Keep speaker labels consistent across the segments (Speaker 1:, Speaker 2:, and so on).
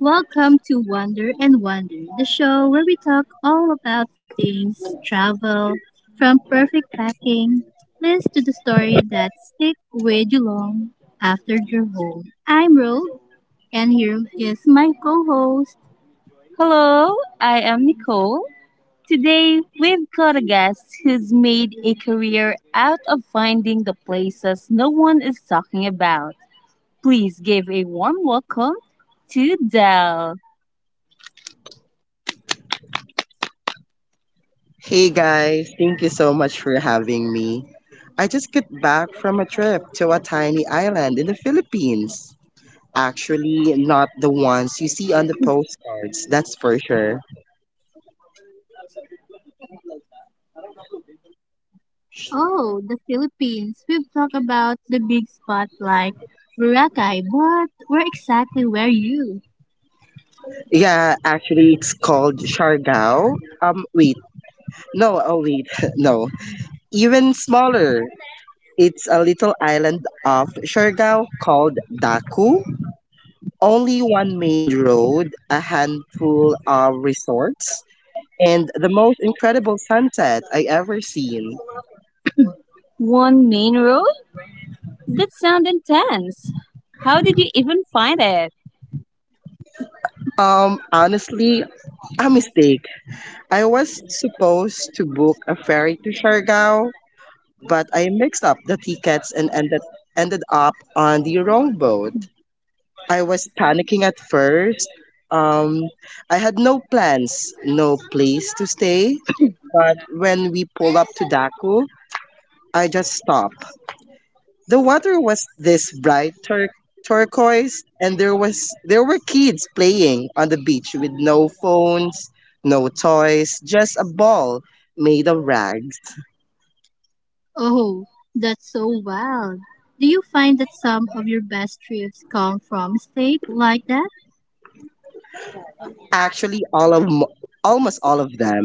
Speaker 1: Welcome to Wonder and Wonder, the show where we talk all about things travel, from perfect packing list to the story that stick with you long after your home. I'm Ro, and here is my co-host. Hello, I am Nicole. Today, we've got a guest who's made a career out of finding the places no one is talking about. Please give a warm welcome to Dell.
Speaker 2: Hey guys, thank you so much for having me. I just got back from a trip to a tiny island in the Philippines. Actually, not the ones you see on the postcards, that's for sure.
Speaker 1: Oh, the Philippines. We've talked about the big spot like Boracay, but where exactly were you?
Speaker 2: Yeah, actually, it's called Siargao. Um, wait, no, oh wait, no. Even smaller, it's a little island of Siargao called Daku. Only one main road, a handful of resorts, and the most incredible sunset I ever seen.
Speaker 1: One main road? That sounds intense. How did you even find it?
Speaker 2: Honestly, a mistake. I was supposed to book a ferry to Siargao, but I mixed up the tickets and ended up on the wrong boat. I was panicking at first. Um, I had no plans, no place to stay. But when we pulled up to Daku, I just stopped. The water was this bright turquoise, and there were kids playing on the beach with no phones, no toys, just a ball made of rags.
Speaker 1: Oh, that's so wild. Do you find that some of your best trips come from mistakes like that?
Speaker 2: Actually, almost all of them.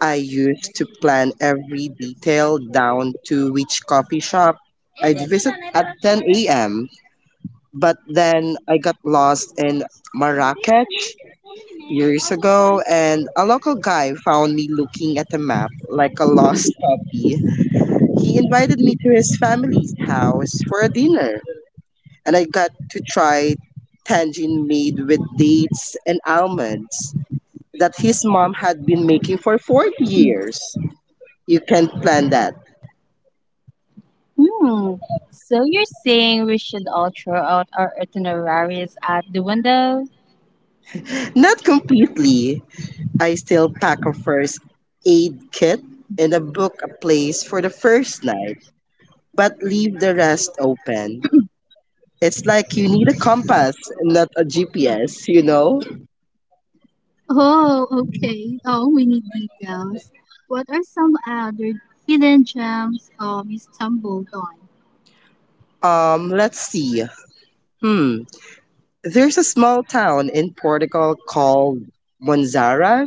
Speaker 2: I used to plan every detail down to which coffee shop I'd visit at 10 a.m. But then I got lost in Marrakech years ago, and a local guy found me looking at a map like a lost puppy. He invited me to his family's house for a dinner, and I got to try tangine made with dates and almonds that his mom had been making for 40 years. You can't plan that.
Speaker 1: Hmm. So you're saying we should all throw out our itineraries at the window?
Speaker 2: Not completely. I still pack a first aid kit and a book a place for the first night, but leave the rest open. It's like you need a compass, not a GPS, you know?
Speaker 1: Oh, okay. Oh, we need details. What are some other hidden gems you stumbled on?
Speaker 2: Let's see. Hmm. There's a small town in Portugal called Monzara.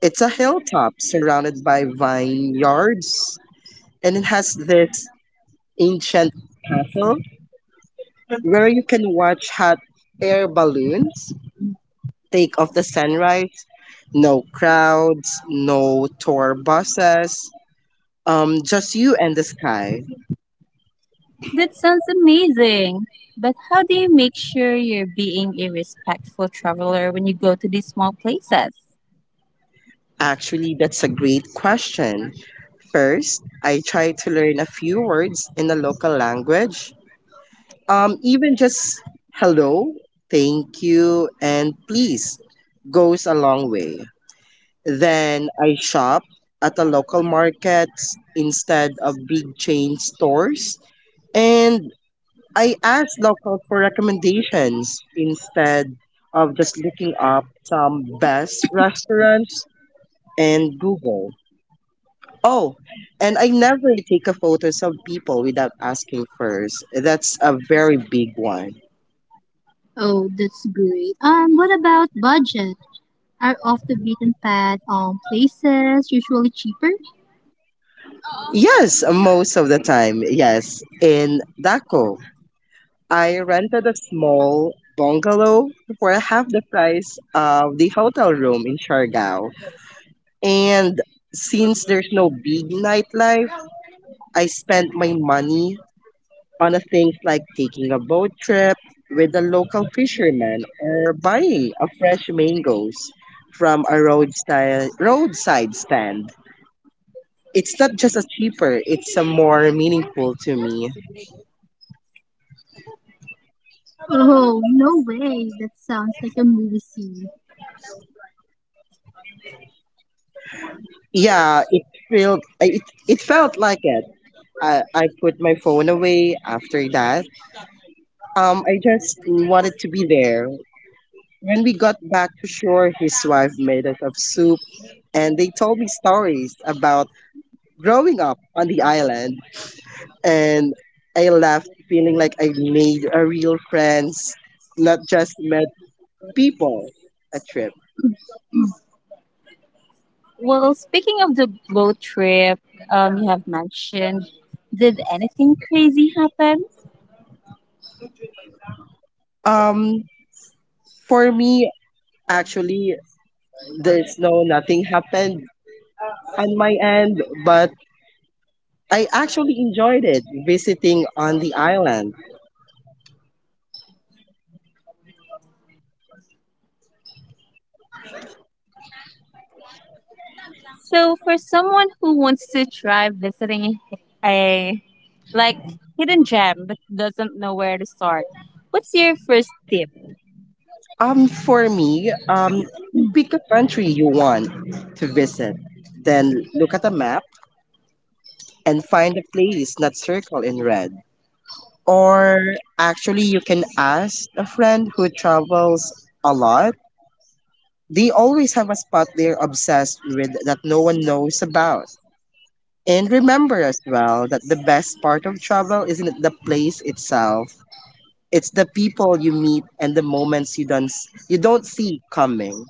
Speaker 2: It's a hilltop surrounded by vineyards, and it has this ancient castle where you can watch hot air balloons take off the sunrise. No crowds, no tour buses, just you and the sky.
Speaker 1: That sounds amazing. But how do you make sure you're being a respectful traveler when you go to these small places?
Speaker 2: Actually, that's a great question. First, I try to learn a few words in the local language. Even just hello, thank you, and please goes a long way. Then I shop at the local markets instead of big chain stores. And I ask local for recommendations instead of just looking up some best restaurants and Google. Oh, and I never take a photos of people without asking first. That's a very big one.
Speaker 1: Oh, that's great. What about budget? Are off the beaten path places usually cheaper?
Speaker 2: Yes, most of the time. Yes, in Daco, I rented a small bungalow for half the price of the hotel room in Siargao. And since there's no big nightlife, I spent my money on a things like taking a boat trip with a local fisherman or buying a fresh mangoes from a roadside stand. It's not just a cheaper, it's a more meaningful to me.
Speaker 1: Oh, no way. That sounds like a movie scene.
Speaker 2: Yeah, it felt I- it, it felt like it. I put my phone away after that. I just wanted to be there. When we got back to shore, his wife made us of soup and they told me stories about growing up on the island, and I left feeling like I made a real friends, not just met people a trip.
Speaker 1: Well, speaking of the boat trip, you have mentioned, did anything crazy happen?
Speaker 2: Um, for me, actually, there's no nothing happened on my end, but I actually enjoyed it visiting on the island.
Speaker 1: So, for someone who wants to try visiting a like hidden gem but doesn't know where to start, what's your first tip?
Speaker 2: For me, pick a country you want to visit, then look at a map and find a place not circled in red. Or actually, you can ask a friend who travels a lot. They always have a spot they're obsessed with that no one knows about. And remember as well that the best part of travel isn't the place itself, it's the people you meet and the moments you don't see coming.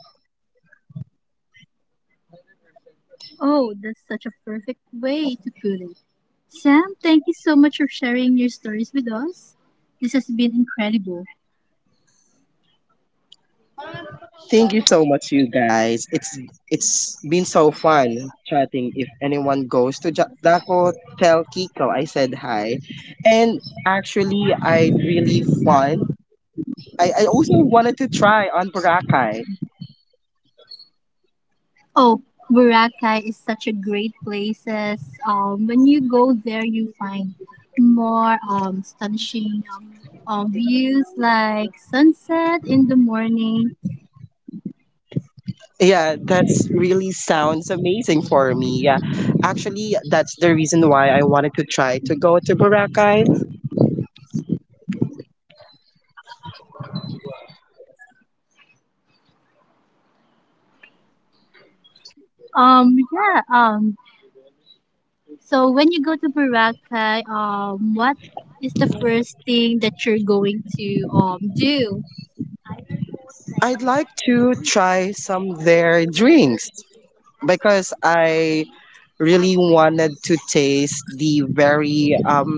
Speaker 1: Oh, that's such a perfect way to put it. Sam, thank you so much for sharing your stories with us. This has been incredible.
Speaker 2: Thank you so much, you guys. It's been so fun chatting. If anyone goes to Daco, tell Kiko I said hi. And actually, I really fun. I also wanted to try on Boracay.
Speaker 1: Oh, Boracay is such a great place. When you go there, you find more astonishing views like sunset in the morning.
Speaker 2: Yeah, that's really sounds amazing for me. Yeah, actually, that's the reason why I wanted to try to go to Boracay.
Speaker 1: Yeah. So when you go to Boracay, what is the first thing that you're going to do?
Speaker 2: I'd like to try some their drinks, because I really wanted to taste the very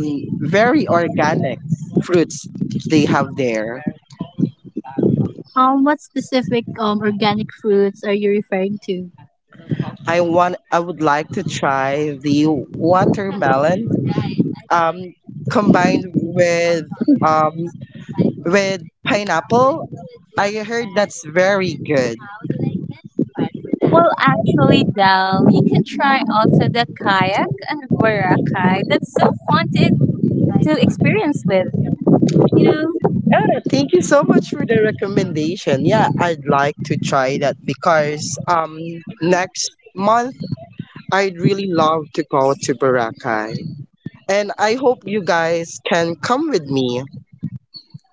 Speaker 2: very organic fruits they have there.
Speaker 1: What specific organic fruits are you referring to?
Speaker 2: I would like to try the watermelon um combined um with pineapple. I heard that's very good.
Speaker 1: Well, actually, Dal, you can try also the kayak and verakai. That's so fun to experience with. You know,
Speaker 2: Yeah, thank you so much for the recommendation. Yeah, I'd like to try that because next month I'd really love to go to Boracay. And I hope you guys can come with me.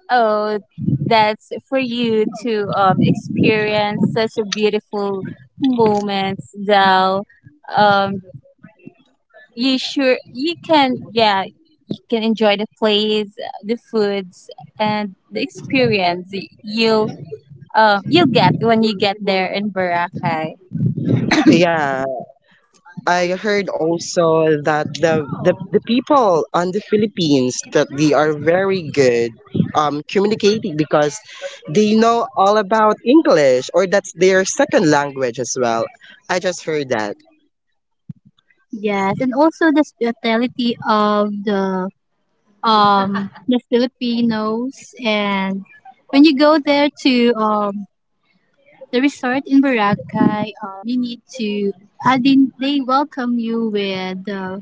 Speaker 1: oh, that's for you to experience such a beautiful moments, Dal. Um, you sure you can? Yeah, you can enjoy the place, the foods, and the experience. You'll you'll get when you get there in Boracay.
Speaker 2: Yeah, I heard also that the people on the Philippines that they are very good communicating because they know all about English or that's their second language as well. I just heard that.
Speaker 1: Yes, and also the hospitality of the Filipinos, and when you go there to the resort in Boracay, you need to, I mean, they welcome you with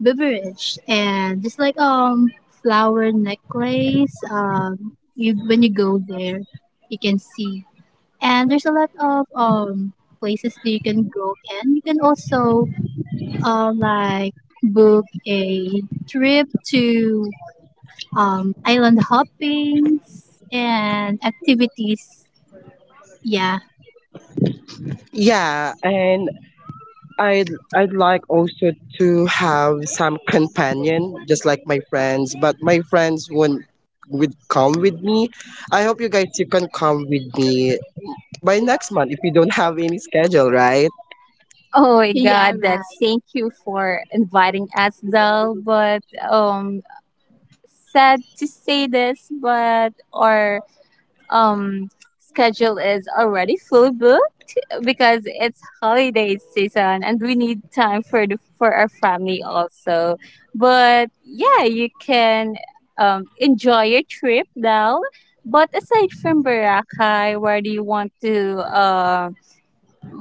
Speaker 1: beverage, and just like flower necklace, you when you go there you can see, and there's a lot of places that you can go, and you can also like book a trip to island hoppings and activities. Yeah.
Speaker 2: Yeah, and I'd I'd like also to have some companion, just like my friends, but my friends won't would come with me. I hope you guys you can come with me by next month if you don't have any schedule, right?
Speaker 1: Oh my, yeah, God, that right. Thank you for inviting us, Del. But um, sad to say this, but our um schedule is already full booked, because it's holiday season and we need time for for our family also. But yeah, you can enjoy your trip now. But aside from Boracay, where do you want to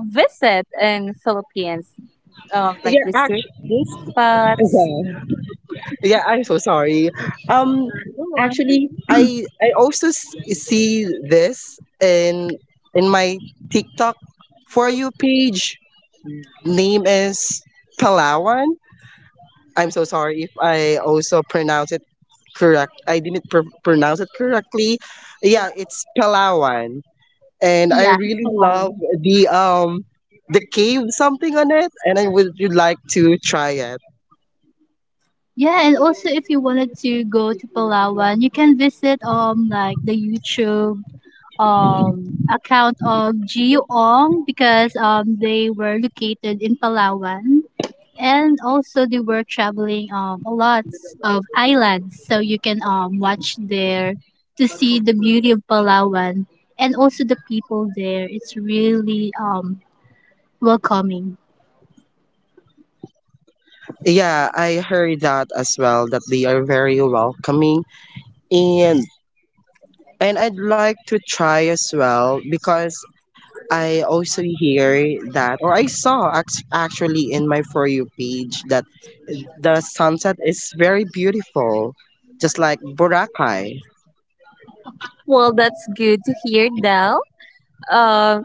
Speaker 1: visit in Philippines?
Speaker 2: Yeah,
Speaker 1: Like the street
Speaker 2: actually,
Speaker 1: view spots.
Speaker 2: yeah, yeah, I'm so sorry. Um,
Speaker 1: Go on.
Speaker 2: actually, I also see this in my TikTok for you page. Name is Palawan. I'm so sorry if I also pronounce it correct. I didn't pronounce it correctly. Yeah, it's Palawan, and I
Speaker 1: Yeah,
Speaker 2: really
Speaker 1: Palawan.
Speaker 2: love the um the cave something on it, and I would like to try it.
Speaker 1: Yeah, and also if you wanted to go to Palawan, you can visit like the YouTube account of Geoong, because they were located in Palawan, and also they were traveling a lot of islands, so you can watch there to see the beauty of Palawan, and also the people there, it's really welcoming.
Speaker 2: Yeah, I heard that as well that they are very welcoming, and I'd like to try as well because I also hear that, or I saw actually in my For You page that the sunset is very beautiful, just like Boracay.
Speaker 1: Well, that's good to hear, Del. Um,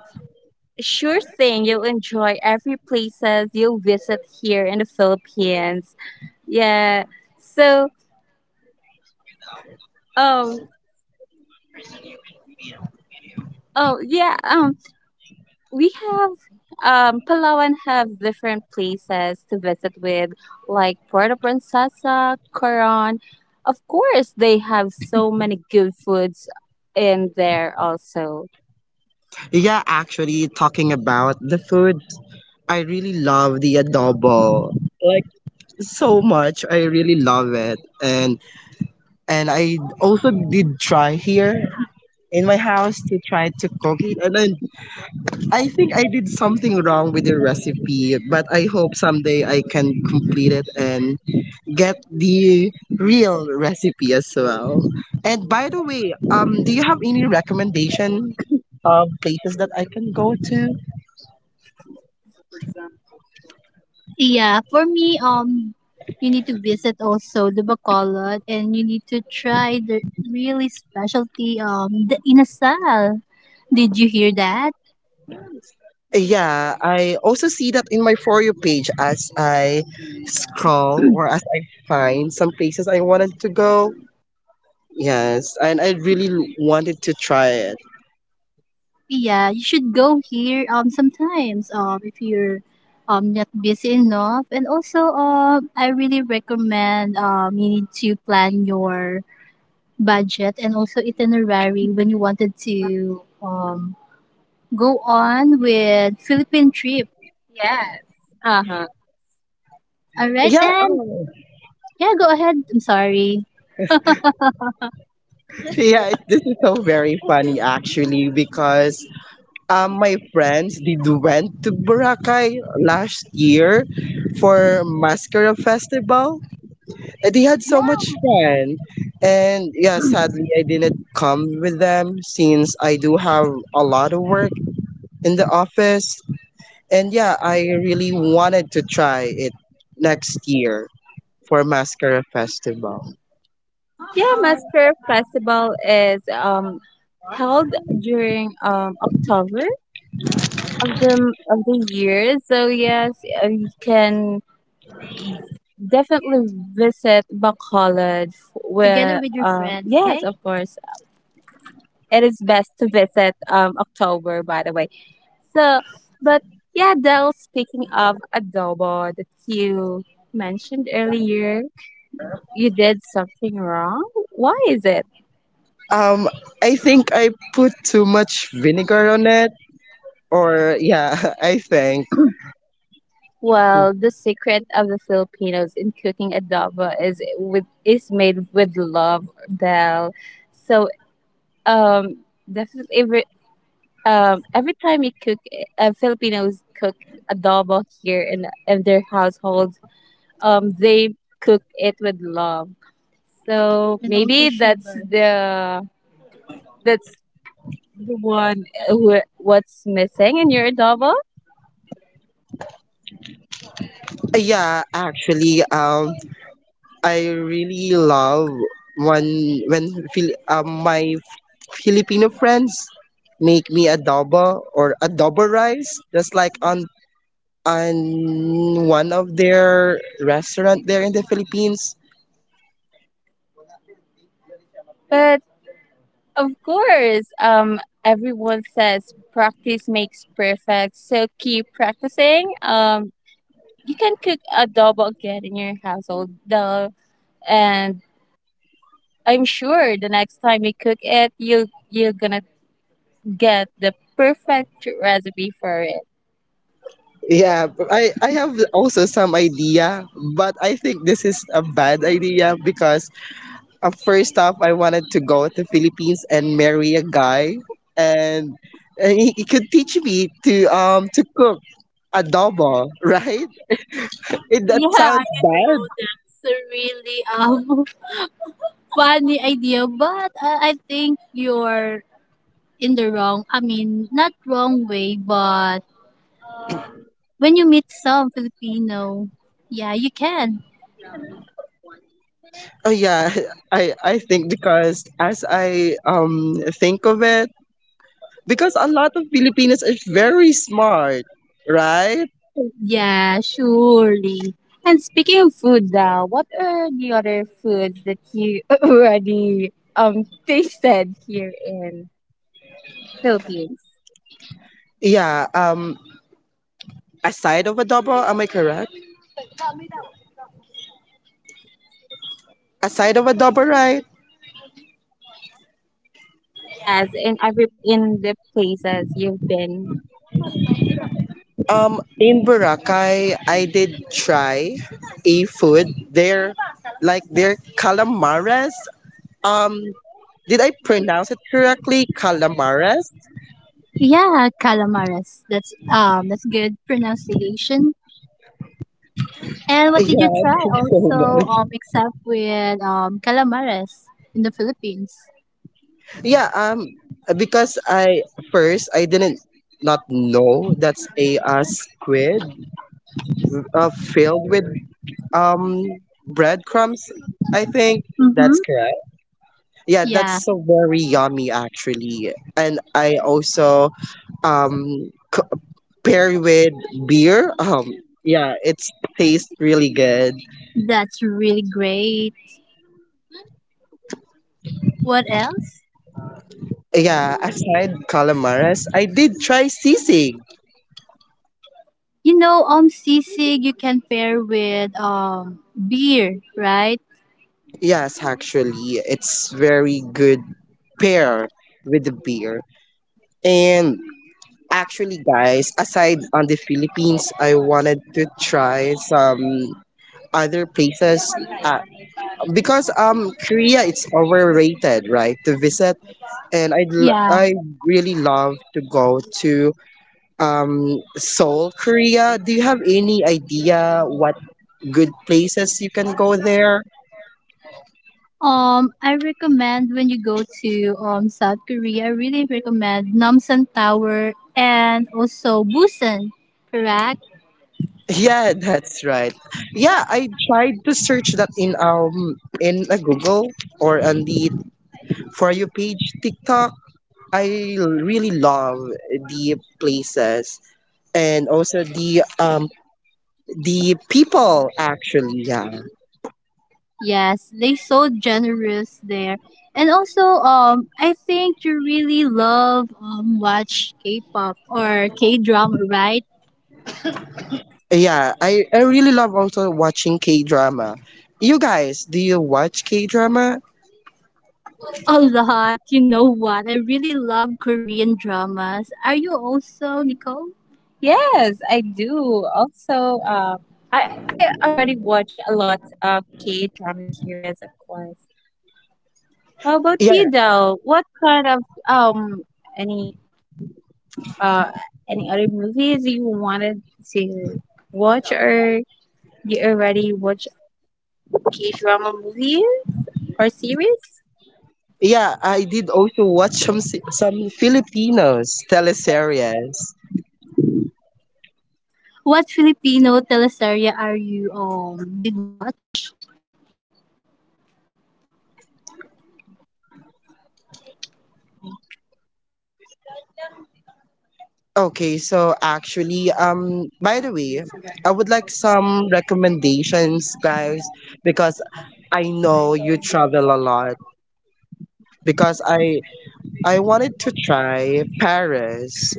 Speaker 1: sure thing, you'll enjoy every places you'll visit here in the Philippines. Yeah. So, Um, oh yeah. We have Palawan have different places to visit with, like Puerto Princesa, Coron. Of course, they have so many good foods in there also.
Speaker 2: Yeah, actually, talking about the food, I really love the adobo. Like so much, I really love it, and I also did try here in my house to try to cook it, and then I think I did something wrong with the recipe, but I hope someday I can complete it and get the real recipe as well. And by the way, do you have any recommendation of places that I can go to?
Speaker 1: Yeah, for me, you need to visit also the Bacolod, and you need to try the really specialty the inasal. Did you hear that?
Speaker 2: Yeah, I also see that in my For You page as I scroll or as I find some places I wanted to go. Yes, and I really wanted to try it.
Speaker 1: Yeah, you should go here sometimes if you're not busy enough. And also I really recommend you need to plan your budget and also itinerary when you wanted to go on with Philippine trip. Yeah. Uh-huh. All right,
Speaker 2: Yeah,
Speaker 1: and
Speaker 2: oh.
Speaker 1: yeah, go ahead. I'm sorry.
Speaker 2: yeah, it, this is so very funny actually because my friends did went to Boracay last year for Mascara Festival. And they had so
Speaker 1: Yeah,
Speaker 2: much fun. And yeah, sadly, I didn't come with them since I do have a lot of work in the office. And yeah, I really wanted to try it next year for Mascara Festival.
Speaker 1: yeah, Masker Festival is held during October of the year. So yes, you can definitely visit Bacolod Together where with your friends, yes, okay? Of course. It is best to visit October by the way. So but yeah, Del, speaking of adobo that you mentioned earlier, you did something wrong. Why is it?
Speaker 2: Um, I think I put too much vinegar on it. Or yeah, I think.
Speaker 1: Well, the secret of the Filipinos in cooking adobo is with is made with love, Del. So Um, definitely every time we cook, Filipinos cook adobo here in their households. They cook it with love. So, and also maybe that's sugar, the that's the one who, what's missing in your adobo.
Speaker 2: Yeah, actually, I really love when when my Filipino friends make me adobo or adobo rice, just like on one of their restaurant there in the Philippines.
Speaker 1: But of course, everyone says practice makes perfect. So keep practicing. You can cook adobo again in your household. The and I'm sure the next time you cook it, you're gonna get the perfect recipe for it.
Speaker 2: Yeah, but I have also some idea, but I think this is a bad idea because first off, I wanted to go to Philippines and marry a guy, and, and he could teach me to cook adobo, right? It, that
Speaker 1: Yeah,
Speaker 2: sounds
Speaker 1: I know
Speaker 2: bad.
Speaker 1: that's a really funny idea, but I think you're in the wrong. I mean, not wrong way, but when you meet some Filipino, yeah, you can.
Speaker 2: Oh yeah, I think because as I think of it, because a lot of Filipinos are very smart, right?
Speaker 1: Yeah, surely. And speaking of food now, what are the other foods that you already tasted here in Philippines?
Speaker 2: Yeah. Aside of adobo, am I correct? Aside of adobo, right?
Speaker 1: Yes, in every in the places you've been.
Speaker 2: In Boracay, I did try a food there, like their calamares. Um, did I pronounce it correctly? Calamares.
Speaker 1: Yeah, calamares. That's good pronunciation. And
Speaker 2: Yeah,
Speaker 1: what
Speaker 2: thank
Speaker 1: did you try
Speaker 2: you so
Speaker 1: also
Speaker 2: much.
Speaker 1: except with calamares in the Philippines?
Speaker 2: Yeah. Because I didn't not know that's a squid filled with um breadcrumbs. I think
Speaker 1: Mm-hmm.
Speaker 2: that's correct. Yeah,
Speaker 1: Yeah,
Speaker 2: that's so very yummy actually, and I also um c- pair with beer, yeah it's tastes really good.
Speaker 1: that's really great. What else?
Speaker 2: Yeah, aside calamares, I did try sisig.
Speaker 1: You know, sisig you can pair with beer, right?
Speaker 2: Yes actually, it's very good pair with the beer. And actually guys, aside on the Philippines, I wanted to try some other places, uh, because Korea it's overrated right to visit, and i
Speaker 1: Yeah.
Speaker 2: i really love to go to Seoul, Korea. Do you have any idea what good places you can go there?
Speaker 1: I recommend when you go to South Korea, I really recommend Namsan Tower and also Busan, correct?
Speaker 2: Yeah, that's right. Yeah, I tried to search that in a Google or on the for you page TikTok. I really love the places and also the people actually. Yeah,
Speaker 1: Yes, they so generous there. And also, I think you really love watch K-pop or K-drama, right?
Speaker 2: yeah. I really love also watching K drama. You guys, do you watch K drama?
Speaker 1: A lot. You know what? I really love Korean dramas. Are you also, Nicole? Yes, I do. Also, I already watch a lot of K drama series, of course. How about you,
Speaker 2: Yeah.
Speaker 1: though? What kind of any uh any other movies you wanted to watch, or you already watch K drama movie or series?
Speaker 2: Yeah, I did also watch some some Filipinos teleseries.
Speaker 1: What Filipino teleserye are you did watch?
Speaker 2: Okay, so actually, by the way, I would like some recommendations, guys, because I know you travel a lot. Because I wanted to try Paris,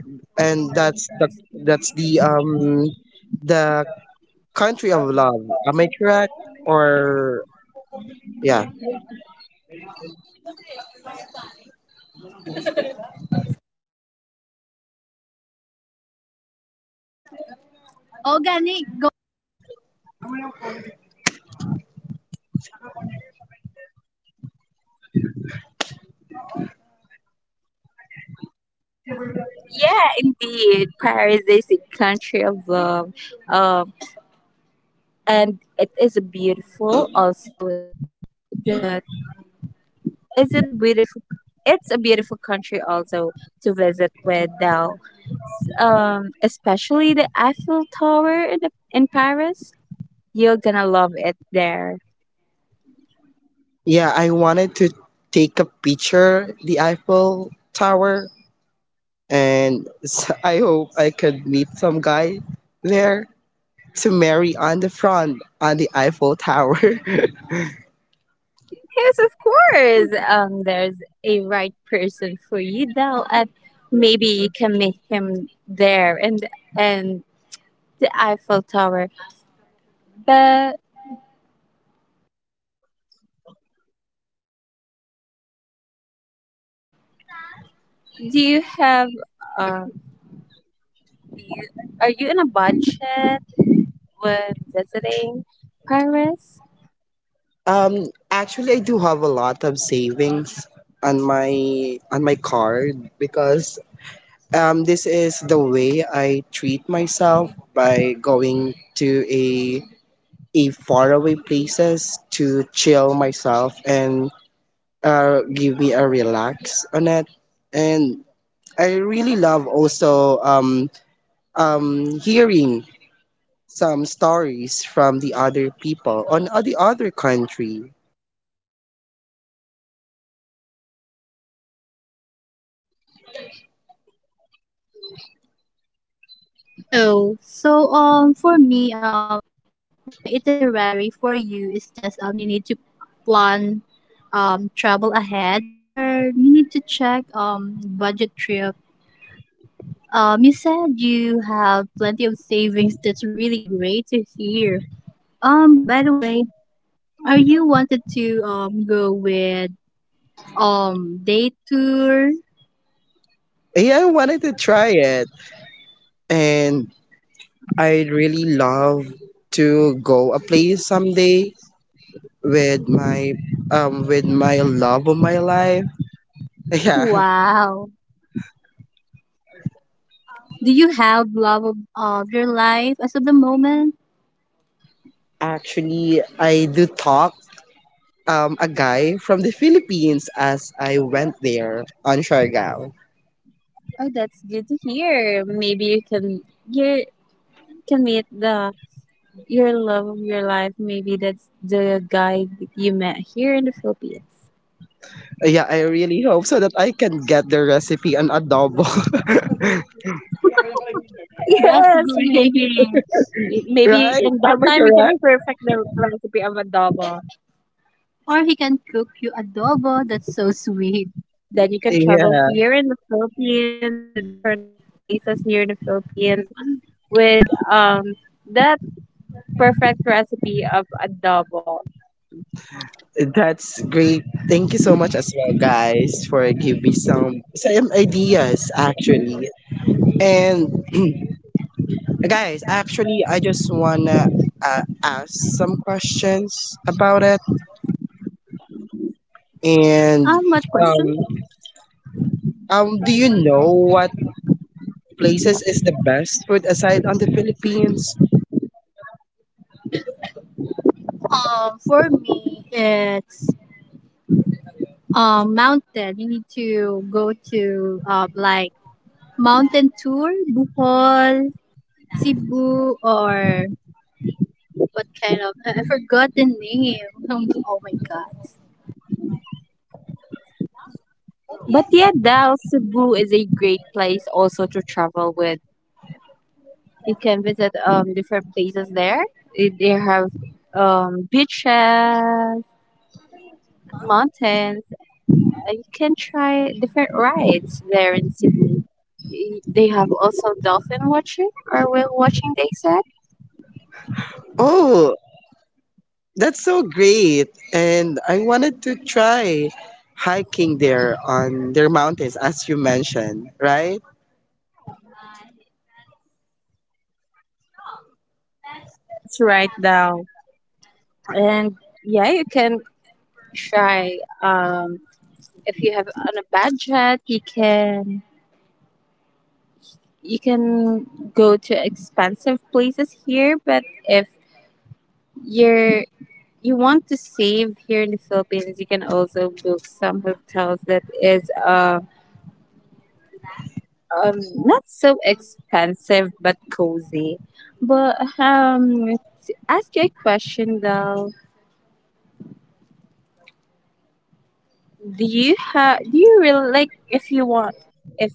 Speaker 2: and that's the country of love. Am I correct? Or yeah.
Speaker 1: Organic. Go- Yeah, indeed. Paris is a country of love. Um, and it is beautiful. Also, the is it a beautiful? It's a beautiful country also to visit with now. Especially the Eiffel Tower in in Paris. You're gonna love it there.
Speaker 2: Yeah, I wanted to take a picture the Eiffel Tower and s I hope I could meet some guy there to marry on the front on the Eiffel Tower.
Speaker 1: Yes, of course. There's a right person for you now, and maybe you can meet him there, and the Eiffel Tower. But do you have um do you, are you in a budget when visiting Paris?
Speaker 2: Actually I do have a lot of savings on my on my card because this is the way I treat myself by going to a faraway places to chill myself and give me a relax on it, and I really love also hearing some stories from the other people on the other country.
Speaker 1: Oh, so for me my itinerary for you is just you need to plan travel ahead, or you need to check budget trip. You said you have plenty of savings. That's really great to hear. By the way, are you wanted to go with day tour.
Speaker 2: Yeah, I wanted to try it, and I really love to go a place someday with my with my love of my life. Yeah,
Speaker 1: Wow. Do you have love of your life as of the moment?
Speaker 2: actually I do talk a guy from the Philippines as I went there on Siargao.
Speaker 1: Oh, that's good to hear. Maybe you can meet the your love of your life. Maybe that's the guy that you met here in the Philippines.
Speaker 2: Yeah, I really hope so that I can get the recipe on adobo.
Speaker 1: That's Yes, great. Maybe. Maybe
Speaker 2: right?
Speaker 1: in that
Speaker 2: Am I
Speaker 1: time you can
Speaker 2: correct?
Speaker 1: perfect the recipe of adobo. Or he can cook you adobo. That's so sweet. Then you can travel
Speaker 2: Yeah,
Speaker 1: here in the Philippines and the different places here in the Philippines with um that perfect recipe of adobo.
Speaker 2: that's great. Thank you so much as well, guys, for giving me some ideas actually. And guys, actually, I just wanna ask some questions about it. And
Speaker 1: What
Speaker 2: um,
Speaker 1: question?
Speaker 2: do you know what places is the best food aside on the Philippines?
Speaker 1: For me, it's mountain. You need to go to like mountain tour, Bohol, Cebu, or what kind of I forgot the name. Oh my god. But yeah, Dal Cebu is a great place also to travel with. You can visit different places there. Eh, they have beaches, mountains. You can try different rides there in Cebu. Eh, they have also dolphin watching or whale watching. They said.
Speaker 2: Oh, that's so great. And I wanted to try hiking there on their mountains, as you mentioned, right?
Speaker 1: That's right, Dal. And yeah, you can try if you have on a budget, you can go to expensive places here, but if you're you want to save here in the Philippines, you can also book some hotels that is not so expensive but cozy, but to ask you a question though, do you have do you really like, if you want, if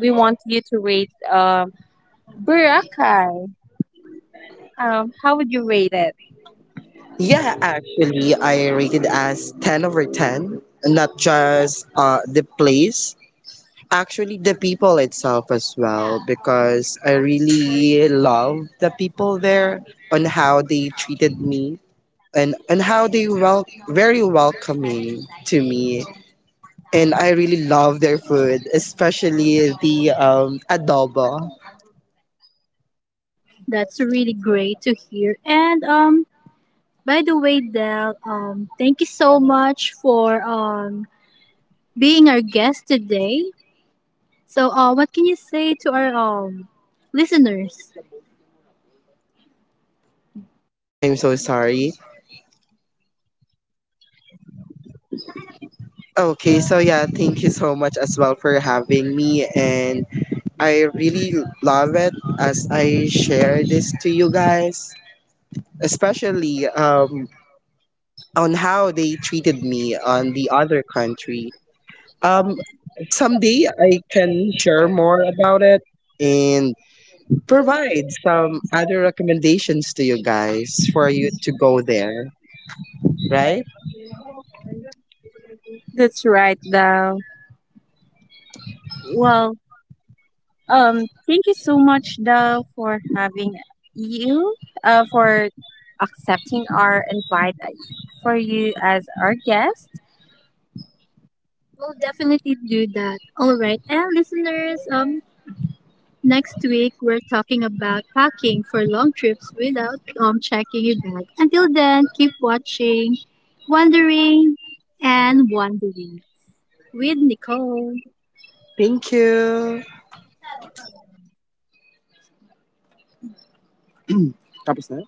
Speaker 1: we want you to rate Boracay, how would you rate it?
Speaker 2: Yeah, actually, I rated as 10 over 10, not just the place, actually, the people itself as well, because I really love the people there on how they treated me, and how they very welcoming to me, and I really love their food, especially the adobo.
Speaker 1: That's really great to hear. And by the way, Del, thank you so much for being our guest today. So, what can you say to our listeners?
Speaker 2: I'm so sorry. Okay, so yeah, thank you so much as well for having me, and I really love it as I share this to you guys, especially on how they treated me on the other country. um, someday I can share more about it and provide some other recommendations to you guys for you to go there, right?
Speaker 1: That's right, Dal. Well, thank you so much, Dal, for having you, for accepting our invite, for you as our guest. We'll definitely do that. All right, and listeners, next week we're talking about packing for long trips without checking your bag. Until then, keep watching, wondering, and wondering with Nicole.
Speaker 2: Thank you.
Speaker 1: Tapos na?